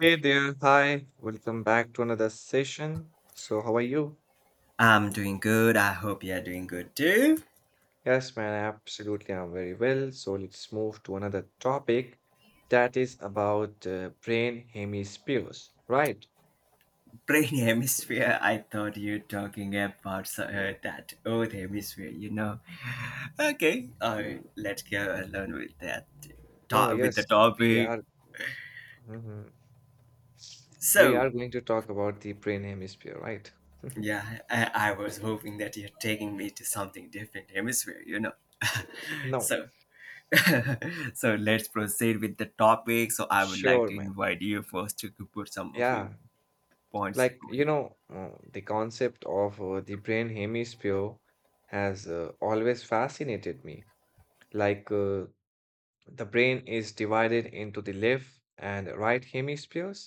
Hey there, hi, welcome back to another session. So, how are you? I'm doing good. I hope you're doing good too. Yes, man, absolutely, I'm very well. So, let's move to another topic that is about brain hemispheres, right? Brain hemisphere. I thought you're talking about that old hemisphere. You know. Okay. All right. Let's go along with that. No, With yes, the we topic. are mhm. We are So going to talk about the brain hemisphere, right? yeah, I was hoping that you're taking me to something different hemisphere. You know. No, so. So let's proceed with the topic. So I would like sure, to man. invite you first to put some of your Yeah, points away. The concept of the brain hemisphere has always fascinated me. Like, uh, The brain is divided into the left and right hemispheres,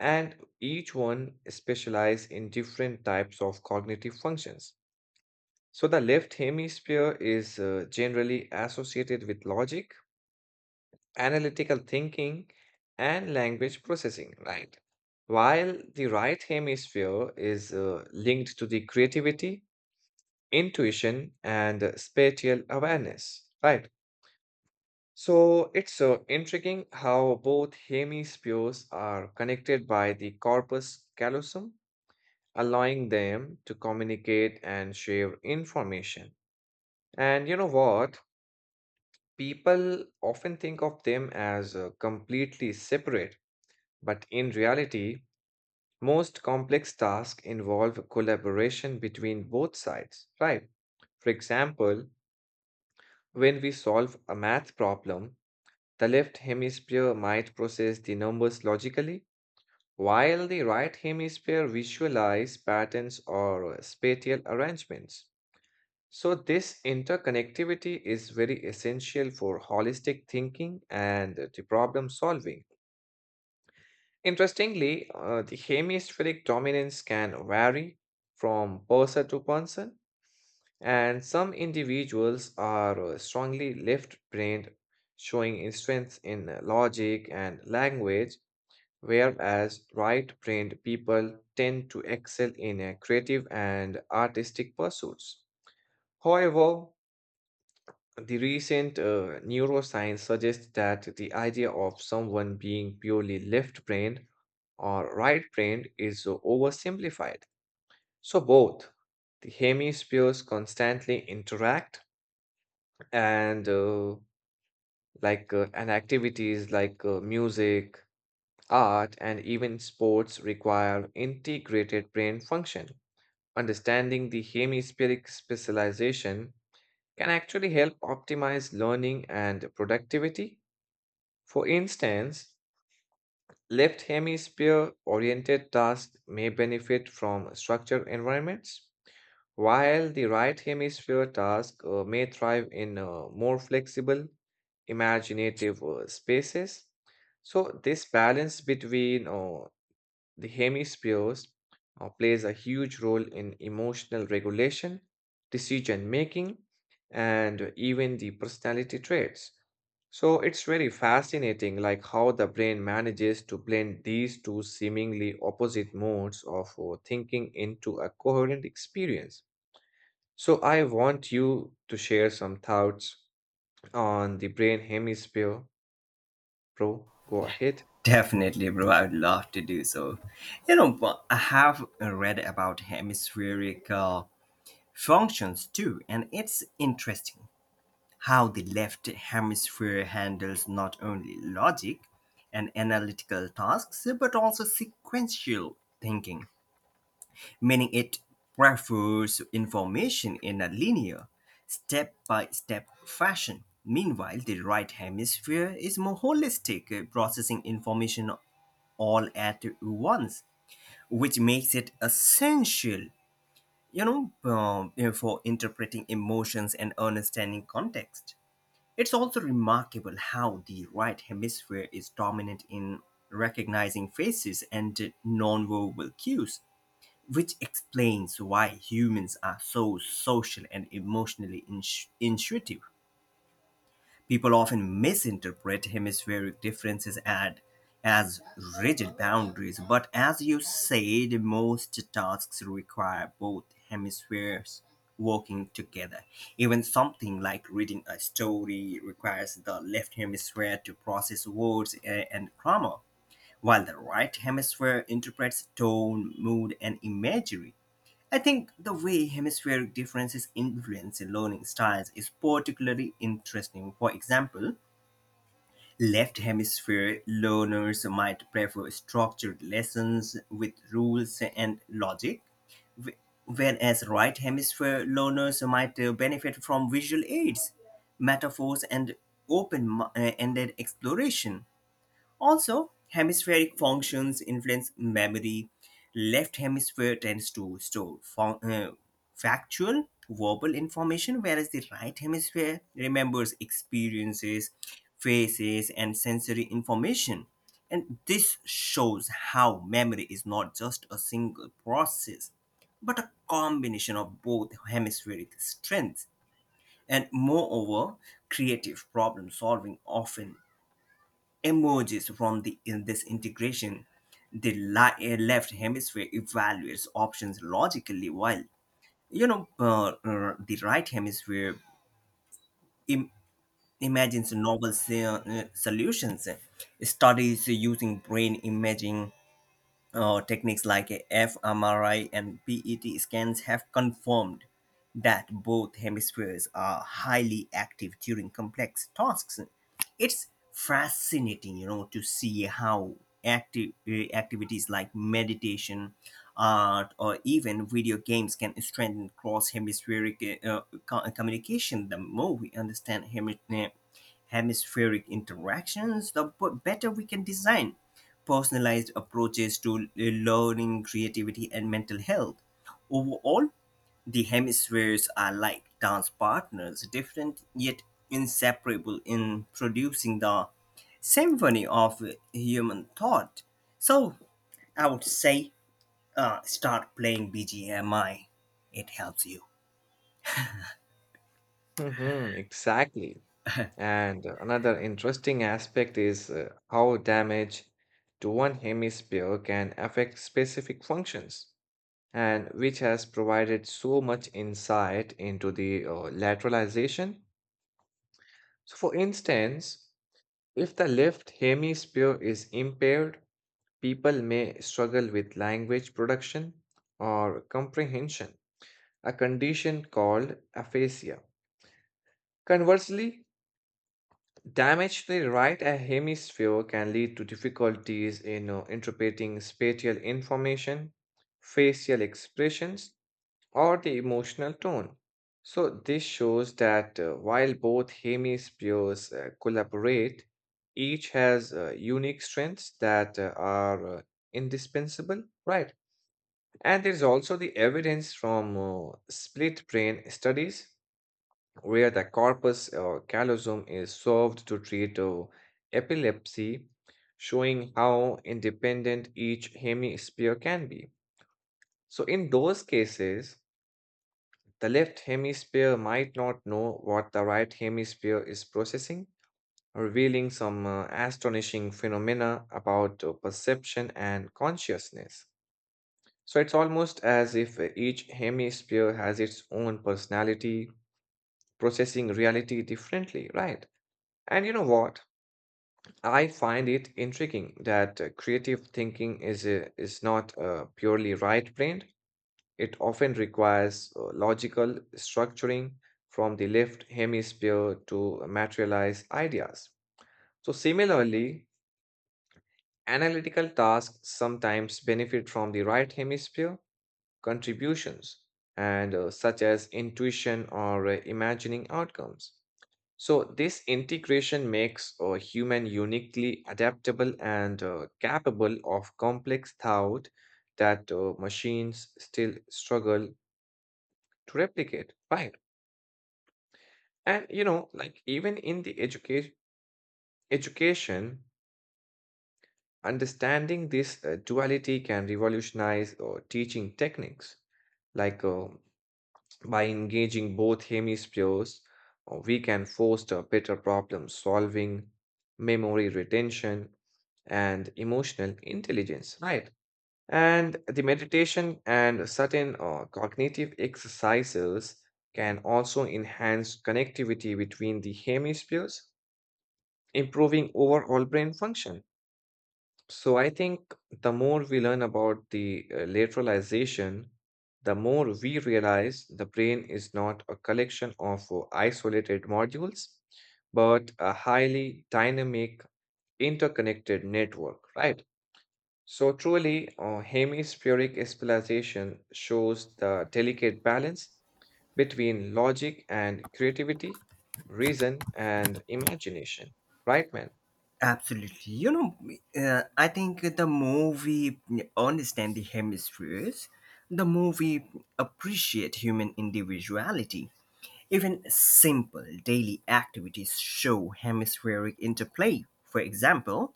and each one specialize in different types of cognitive functions. So the left hemisphere is generally associated with logic, analytical thinking, and language processing, right? While the right hemisphere is linked to the creativity, intuition, and spatial awareness, right? So it's intriguing how both hemispheres are connected by the corpus callosum, allowing them to communicate and share information. And you know what? People often think of them as completely separate, but in reality, most complex tasks involve collaboration between both sides, right? For example, when we solve a math problem, the left hemisphere might process the numbers logically while the right hemisphere visualizes patterns or spatial arrangements. So this interconnectivity is very essential for holistic thinking and the problem solving. Interestingly, the hemispheric dominance can vary from person to person, and some individuals are strongly left-brained, showing strength in logic and language, whereas right-brained people tend to excel in creative and artistic pursuits. However, the recent neuroscience suggests that the idea of someone being purely left-brained or right-brained is oversimplified. So both the hemispheres constantly interact and and activities like music, art, and even sports require integrated brain function. Understanding the hemispheric specialization can actually help optimize learning and productivity. For instance, left hemisphere oriented tasks may benefit from structured environments, while the right hemisphere task may thrive in more flexible, imaginative spaces. So, this balance between the hemispheres plays a huge role in emotional regulation, decision making, and even the personality traits. So it's very fascinating like how the brain manages to blend these two seemingly opposite modes of thinking into a coherent experience. So I want you to share some thoughts on the brain hemisphere, bro. Go ahead. Definitely, bro. I would love to do so. You know, but I have read about hemispheric functions too, and it's interesting how the left hemisphere handles not only logic and analytical tasks, but also sequential thinking, meaning it prefers information in a linear, step by step fashion. Meanwhile, the right hemisphere is more holistic, processing information all at once, which makes it essential, for interpreting emotions and understanding context. It's also remarkable how the right hemisphere is dominant in recognizing faces and nonverbal cues, which explains why humans are so social and emotionally intuitive. People often misinterpret hemispheric differences as rigid boundaries, but as you said, most tasks require both hemispheres working together. Even something like reading a story requires the left hemisphere to process words and grammar, while the right hemisphere interprets tone, mood, and imagery. I think the way hemispheric differences influence learning styles is particularly interesting. For example, left hemisphere learners might prefer structured lessons with rules and logic, whereas right hemisphere learners might benefit from visual aids, metaphors, and open-ended exploration. Also, hemispheric functions influence memory. Left hemisphere tends to store factual, verbal information, whereas the right hemisphere remembers experiences, faces, and sensory information. And this shows how memory is not just a single process, but a combination of both hemispheric strengths. And moreover, creative problem solving often emerges from in this integration. The left hemisphere evaluates options logically, while the right hemisphere Im- imagines novel solutions. Studies using brain imaging, techniques like fMRI and PET scans have confirmed that both hemispheres are highly active during complex tasks. It's fascinating, you know, to see how active activities like meditation, art, or even video games can strengthen cross-hemispheric communication. The more we understand hemispheric interactions, the better we can design personalized approaches to learning, creativity, and mental health. Overall, the hemispheres are like dance partners, different yet inseparable in producing the symphony of human thought. So I would say start playing BGMI. It helps you. Hmm, exactly. And another interesting aspect is how damage to one hemisphere can affect specific functions, and which has provided so much insight into the lateralization. So, for instance, if the left hemisphere is impaired, people may struggle with language production or comprehension, a condition called aphasia. Conversely, damage to the right hemisphere can lead to difficulties in interpreting spatial information, facial expressions, or the emotional tone. So, this shows that while both hemispheres collaborate, each has unique strengths that are indispensable, right? And there's also the evidence from split brain studies where the corpus callosum is solved to treat epilepsy, showing how independent each hemisphere can be. So, in those cases, the left hemisphere might not know what the right hemisphere is processing, revealing some astonishing phenomena about perception and consciousness. So, it's almost as if each hemisphere has its own personality, processing reality differently, right? And you know what? I find it intriguing that creative thinking is not purely right-brained. It often requires logical structuring from the left hemisphere to materialize ideas. So similarly, analytical tasks sometimes benefit from the right hemisphere contributions and such as intuition or imagining outcomes. So, this integration makes a human uniquely adaptable and capable of complex thought that machines still struggle to replicate, right? And you know, like even in the education, understanding this duality can revolutionize teaching techniques. Like uh, By engaging both hemispheres, we can foster better problem solving, memory retention, and emotional intelligence, right? And the meditation and certain cognitive exercises can also enhance connectivity between the hemispheres, improving overall brain function. So I think the more we learn about the lateralization, the more we realize the brain is not a collection of isolated modules, but a highly dynamic, interconnected network, right? So truly, hemispheric specialization shows the delicate balance between logic and creativity, reason and imagination, right, man? Absolutely. You know, I think the more we understand the hemispheres, the more we appreciate human individuality. Even simple daily activities show hemispheric interplay. For example,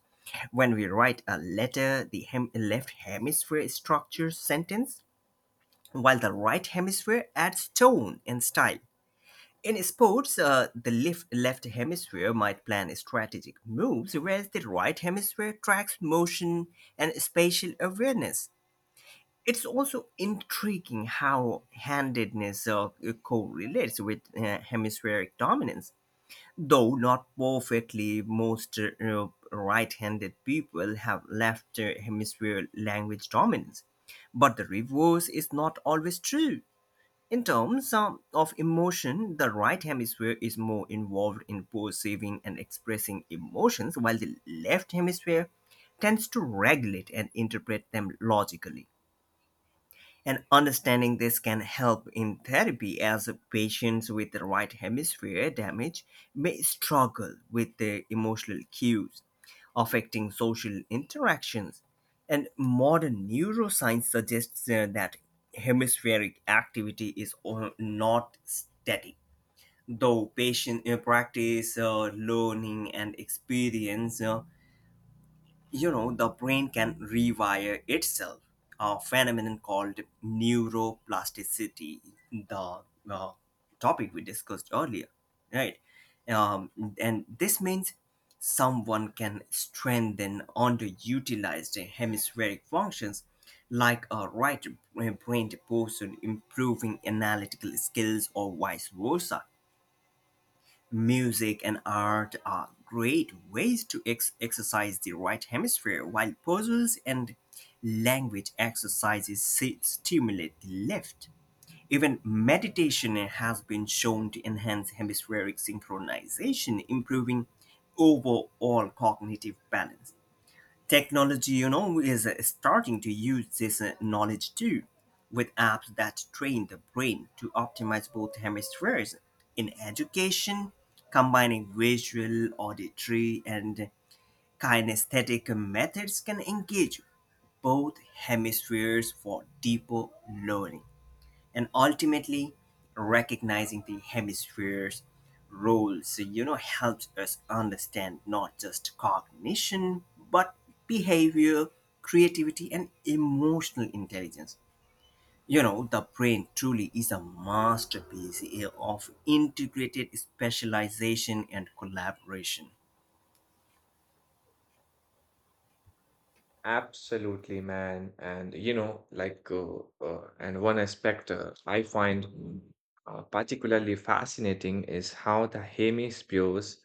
when we write a letter, the left hemisphere structures sentence, while the right hemisphere adds tone and style. In sports, the left hemisphere might plan strategic moves, whereas the right hemisphere tracks motion and spatial awareness. It's also intriguing how handedness correlates with hemispheric dominance. Though not perfectly, most right handed people have left hemisphere language dominance. But the reverse is not always true. In terms of emotion, the right hemisphere is more involved in perceiving and expressing emotions, while the left hemisphere tends to regulate and interpret them logically. And understanding this can help in therapy as patients with the right hemisphere damage may struggle with their emotional cues, affecting social interactions. And modern neuroscience suggests that hemispheric activity is not static. Though patient practice, learning, and experience, you know, the brain can rewire itself, a phenomenon called neuroplasticity, the uh, topic we discussed earlier, right? um, and this means someone can strengthen underutilized hemispheric functions, like a right brained person improving analytical skills or vice versa. Music and art are great ways to exercise the right hemisphere, while puzzles and language exercises stimulate the left. Even meditation has been shown to enhance hemispheric synchronization, improving overall cognitive balance. Technology, you know, is starting to use this knowledge too, with apps that train the brain to optimize both hemispheres. In education, combining visual, auditory, and kinesthetic methods can engage both hemispheres for deeper learning. And ultimately, recognizing the hemisphere's role, so you know, helps us understand not just cognition, but behavior, creativity, and emotional intelligence. You know, the brain truly is a masterpiece of integrated specialization and collaboration. Absolutely, man. And you know, and one aspect I find particularly fascinating is how the hemispheres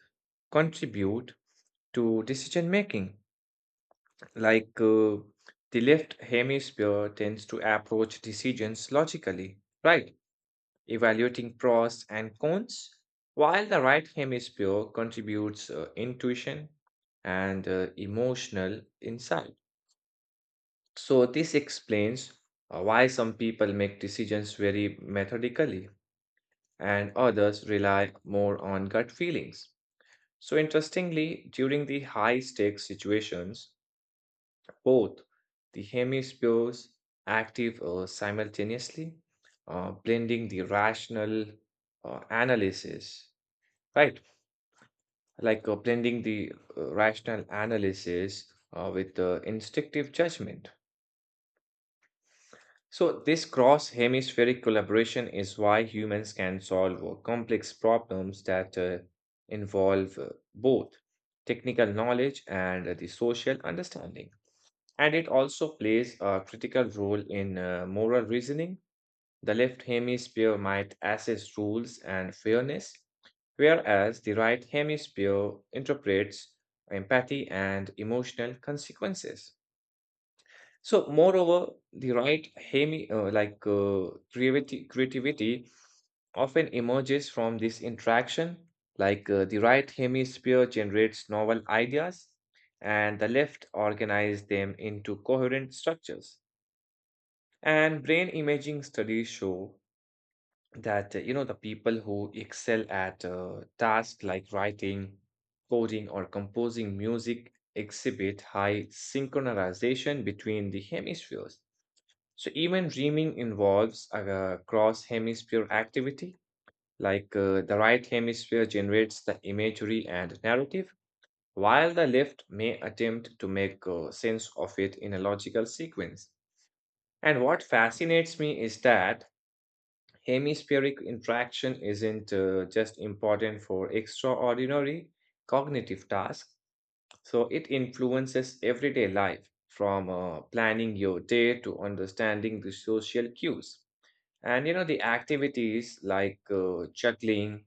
contribute to decision making. Like, uh, the left hemisphere tends to approach decisions logically, right? Evaluating pros and cons, while the right hemisphere contributes intuition and emotional insight. So, this explains why some people make decisions very methodically and others rely more on gut feelings. So, interestingly, during the high stakes situations, both the hemispheres active simultaneously, blending the rational analysis, right? Like blending the rational analysis with the instinctive judgment. So, this cross hemispheric collaboration is why humans can solve complex problems that involve both technical knowledge and the social understanding. And it also plays a critical role in moral reasoning. The left hemisphere might assess rules and fairness, whereas the right hemisphere interprets empathy and emotional consequences. So, moreover, the right hemi like creativity, creativity often emerges from this interaction. The right hemisphere generates novel ideas, and the left organizes them into coherent structures. And brain imaging studies show that you know the people who excel at tasks like writing, coding, or composing music exhibit high synchronization between the hemispheres. So even dreaming involves a cross hemisphere activity, the right hemisphere generates the imagery and narrative, while the left may attempt to make sense of it in a logical sequence. And what fascinates me is that hemispheric interaction isn't just important for extraordinary cognitive tasks, so it influences everyday life, from planning your day to understanding the social cues. And you know, the activities like juggling,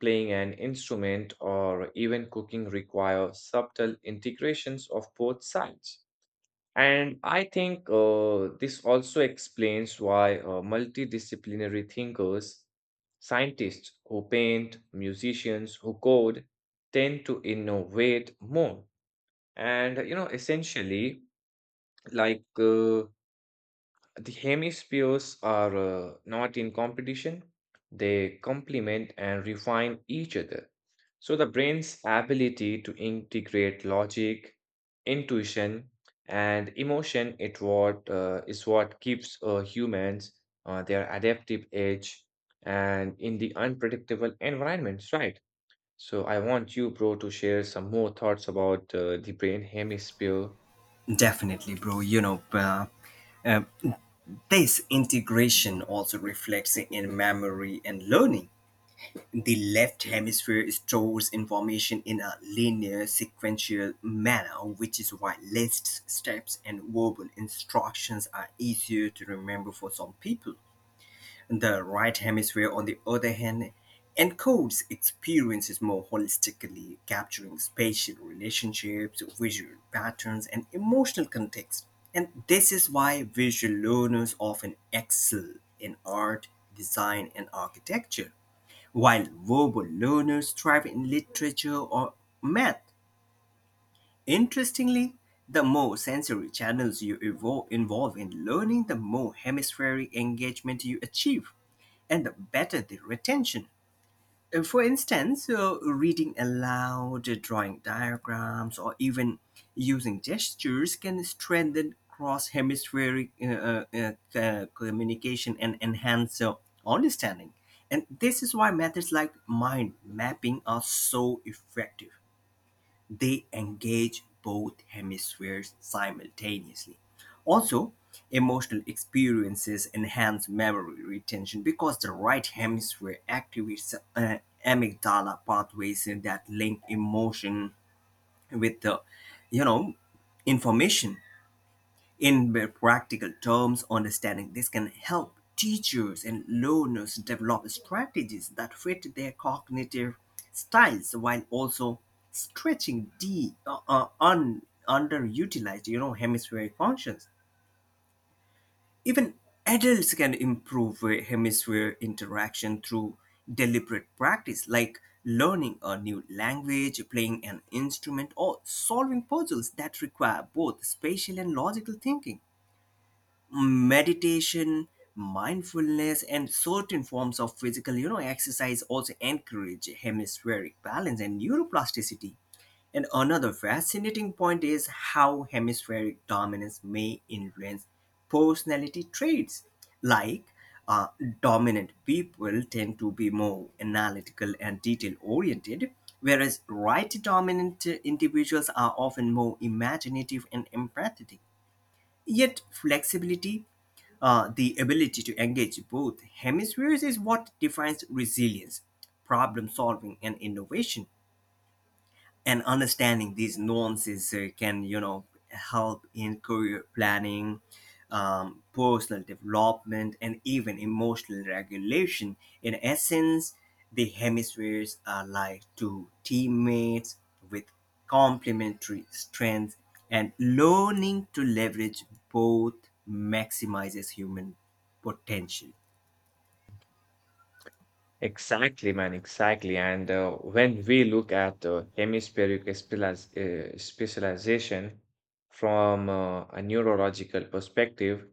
playing an instrument, or even cooking require subtle integrations of both sides. And I think this also explains why multidisciplinary thinkers, scientists who paint, musicians who code, tend to innovate more. And you know, essentially, like uh, the hemispheres are not in competition, they complement and refine each other. So, the brain's ability to integrate logic, intuition, and emotion is what keeps humans their adaptive edge and in the unpredictable environments, right? So, I want you, bro, to share some more thoughts about the brain hemisphere. Definitely, bro. Uh, this integration also reflects in memory and learning. The left hemisphere stores information in a linear, sequential manner, which is why lists, steps, and verbal instructions are easier to remember for some people. The right hemisphere, on the other hand, encodes experiences more holistically, capturing spatial relationships, visual patterns, and emotional context. And this is why visual learners often excel in art, design, and architecture. While verbal learners thrive in literature or math, interestingly, the more sensory channels you involve in learning, the more hemispheric engagement you achieve and the better the retention. For instance, reading aloud, drawing diagrams, or even using gestures can strengthen cross hemispheric communication and enhance understanding. And this is why methods like mind mapping are so effective. They engage both hemispheres simultaneously. Also, emotional experiences enhance memory retention because the right hemisphere activates amygdala pathways that link emotion with you know, information. In very practical terms, understanding this can help teachers and learners develop strategies that fit their cognitive styles while also stretching the underutilized, you know, hemispheric functions. Even adults can improve hemisphere interaction through deliberate practice, like learning a new language, playing an instrument, or solving puzzles that require both spatial and logical thinking. Meditation, mindfulness, and certain forms of physical, you know, exercise also encourage hemispheric balance and neuroplasticity. And another fascinating point is how hemispheric dominance may influence personality traits. Like, uh, dominant people tend to be more analytical and detail oriented, whereas right dominant individuals are often more imaginative and empathetic. Yet flexibility, the ability to engage both hemispheres, is what defines resilience, problem solving, and innovation. And understanding these nuances, can, you know, help in career planning, personal development, and even emotional regulation. In essence, the hemispheres are like two teammates with complementary strengths, and learning to leverage both maximizes human potential. Exactly, man, exactly. And when we look at specialization from a neurological perspective,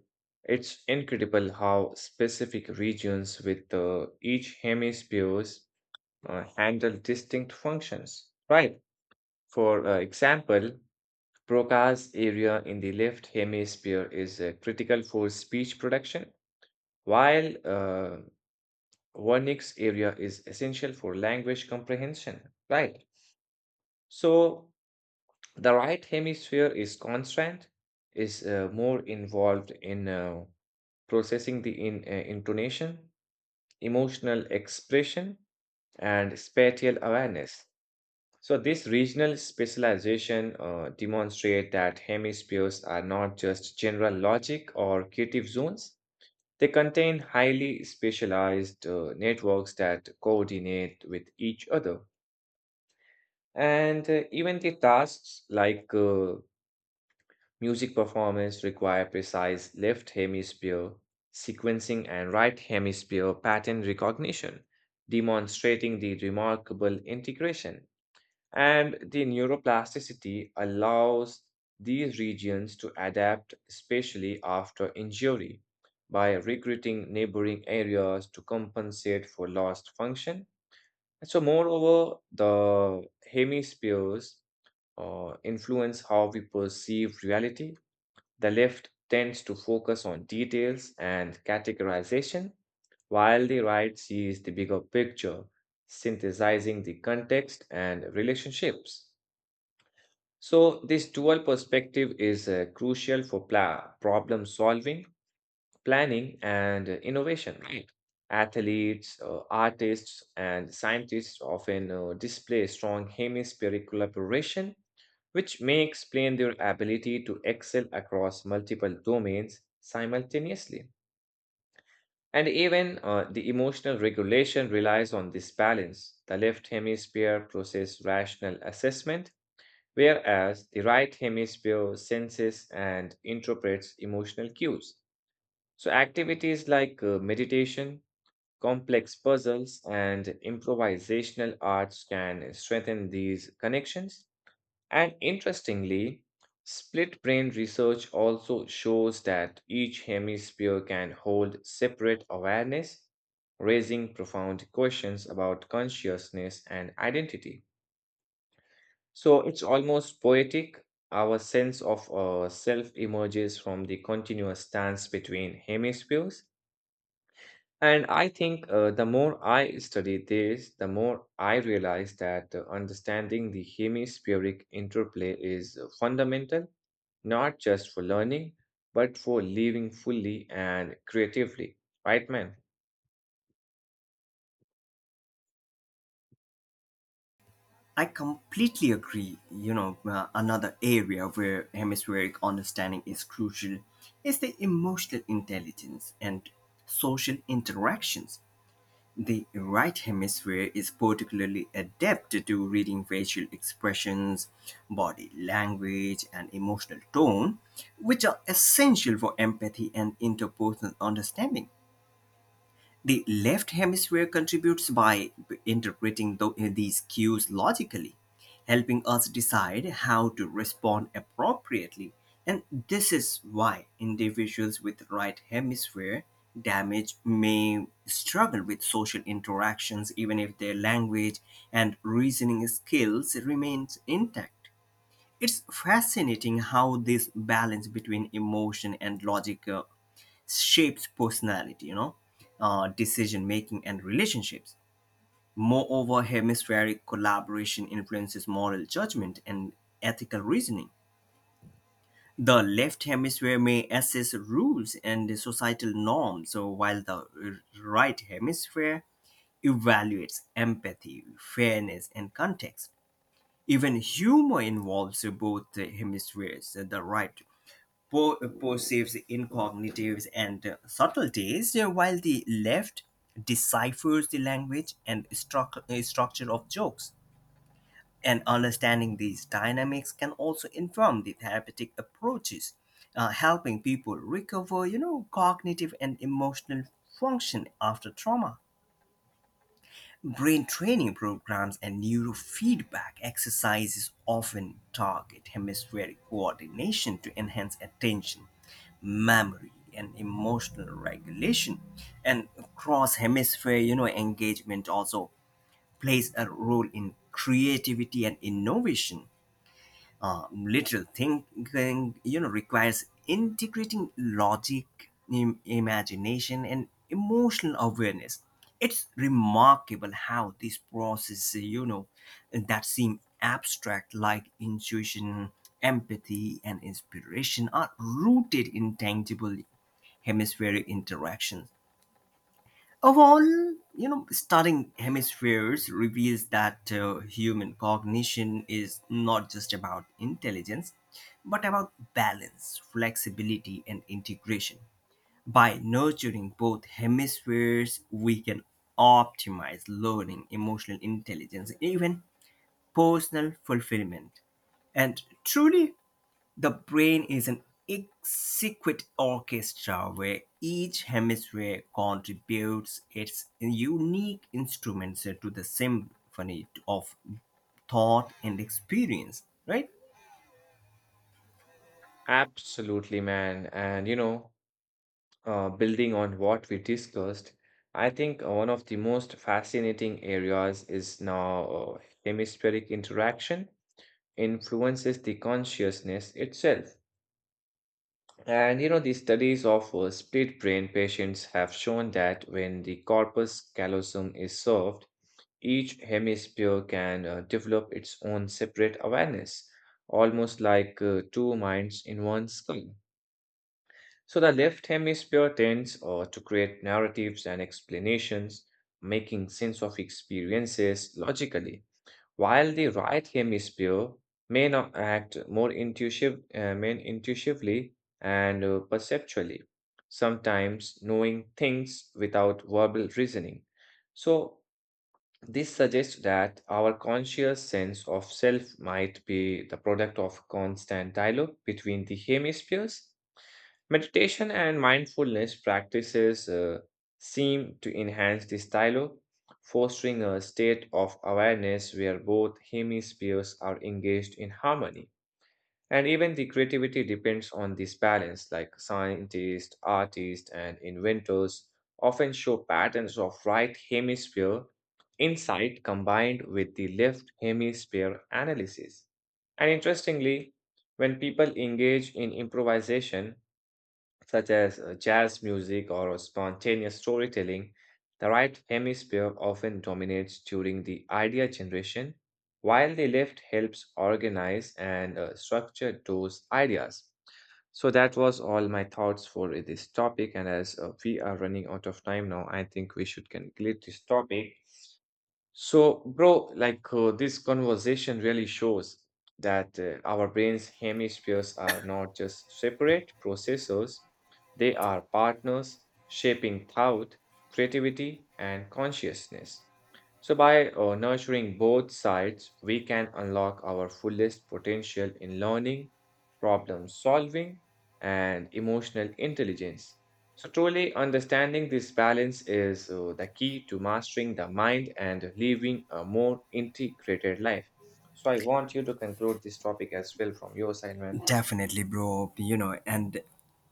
it's incredible how specific regions with each hemispheres handle distinct functions, right. For example, Broca's area in the left hemisphere is critical for speech production, while Vernix area is essential for language comprehension, right? So the right hemisphere is more involved in processing intonation, emotional expression, and spatial awareness. So this regional specialization demonstrate that hemispheres are not just general logic or creative zones. They contain highly specialized networks that coordinate with each other. And even the tasks like music performance require precise left hemisphere sequencing and right hemisphere pattern recognition, demonstrating the remarkable integration. And the neuroplasticity allows these regions to adapt, especially after injury, by recruiting neighboring areas to compensate for lost function. And so, moreover, the hemispheres influence how we perceive reality. The left tends to focus on details and categorization, while the right sees the bigger picture, synthesizing the context and relationships. So, this dual perspective is crucial for problem solving, planning, and innovation, right. Athletes, artists, and scientists often display strong hemispheric collaboration which may explain their ability to excel across multiple domains simultaneously. And even the emotional regulation relies on this balance. The left hemisphere processes rational assessment, whereas the right hemisphere senses and interprets emotional cues. So, activities like meditation, complex puzzles, and improvisational arts can strengthen these connections. And interestingly, split brain research also shows that each hemisphere can hold separate awareness, raising profound questions about consciousness and identity. So it's almost poetic. Our sense of self emerges from the continuous dance between hemispheres, and I think the more I study this, the more I realize that understanding the hemispheric interplay is fundamental, not just for learning, but for living fully and creatively. Right, man? I completely agree. You know, another area where hemispheric understanding is crucial is the emotional intelligence and social interactions. The right hemisphere is particularly adept to reading facial expressions, body language, and emotional tone, which are essential for empathy and interpersonal understanding. The left hemisphere contributes by interpreting these cues logically, helping us decide how to respond appropriately. And this is why individuals with right hemisphere damage may struggle with social interactions even if their language and reasoning skills remain intact. It's fascinating how this balance between emotion and logic shapes personality, you know, decision making, and relationships. Moreover, hemispheric collaboration influences moral judgment and ethical reasoning. The left hemisphere may assess rules and societal norms, so while the right hemisphere evaluates empathy, fairness, and context. Even humor involves both hemispheres, the right Poe perceives incognitives and subtleties, while the left deciphers the language and structure of jokes. And understanding these dynamics can also inform the therapeutic approaches, helping people recover, you know, cognitive and emotional function after trauma. Brain training programs and neurofeedback exercises often target hemispheric coordination to enhance attention, memory, and emotional regulation. And cross hemisphere, you know, engagement also plays a role in creativity and innovation. Literal thinking, you know, requires integrating logic, imagination, and emotional awareness. It's remarkable how these processes, you know, that seem abstract, like intuition, empathy, and inspiration, are rooted in tangible hemispheric interactions. Overall, you know, studying hemispheres reveals that human cognition is not just about intelligence, but about balance, flexibility, and integration. By nurturing both hemispheres, we can optimize learning, emotional intelligence, even personal fulfillment. And truly, the brain is an exquisite orchestra where each hemisphere contributes its unique instruments to the symphony of thought and experience, right? Absolutely, man. And you know, building on what we discussed, I think one of the most fascinating areas is now hemispheric interaction influences the consciousness itself. And you know, the studies of split brain patients have shown that when the corpus callosum is served, each hemisphere can develop its own separate awareness, almost like two minds in one skull. So the left hemisphere tends to create narratives and explanations, making sense of experiences logically while the right hemisphere may now act more intuitively and perceptually, sometimes knowing things without verbal reasoning. So, this suggests that our conscious sense of self might be the product of constant dialogue between the hemispheres. Meditation and mindfulness practices seem to enhance this dialogue, fostering a state of awareness where both hemispheres are engaged in harmony. And even the creativity depends on this balance, like scientists, artists, and inventors often show patterns of right hemisphere insight combined with the left hemisphere analysis. And interestingly, when people engage in improvisation, such as jazz music or spontaneous storytelling, the right hemisphere often dominates during the idea generation, while the left helps organize and structure those ideas. So, that was all my thoughts for this topic. And as we are running out of time now, I think we should conclude this topic. So, bro, this conversation really shows that our brain's hemispheres are not just separate processors, they are partners shaping thought, creativity, and consciousness. So, by nurturing both sides, we can unlock our fullest potential in learning, problem solving, and emotional intelligence. So, truly understanding this balance is the key to mastering the mind and living a more integrated life. So, I want you to conclude this topic as well from your side, man. Definitely, bro. You know, and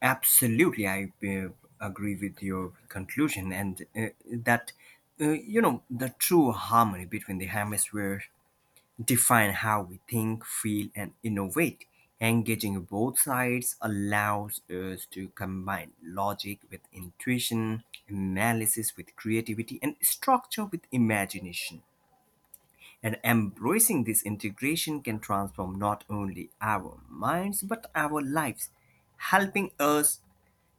absolutely, I agree with your conclusion, and that you know, the true harmony between the hemispheres define how we think, feel, and innovate. Engaging both sides allows us to combine logic with intuition, analysis with creativity, and structure with imagination. And embracing this integration can transform not only our minds but our lives, helping us,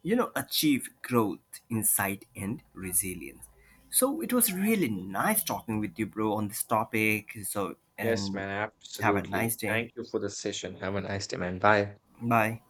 you know, achieve growth, insight, and resilience. So it was really nice talking with you, bro, on this topic. So Yes, and man, have a nice absolutely. day. Thank you for the session. Have a nice day, man. Bye. Bye.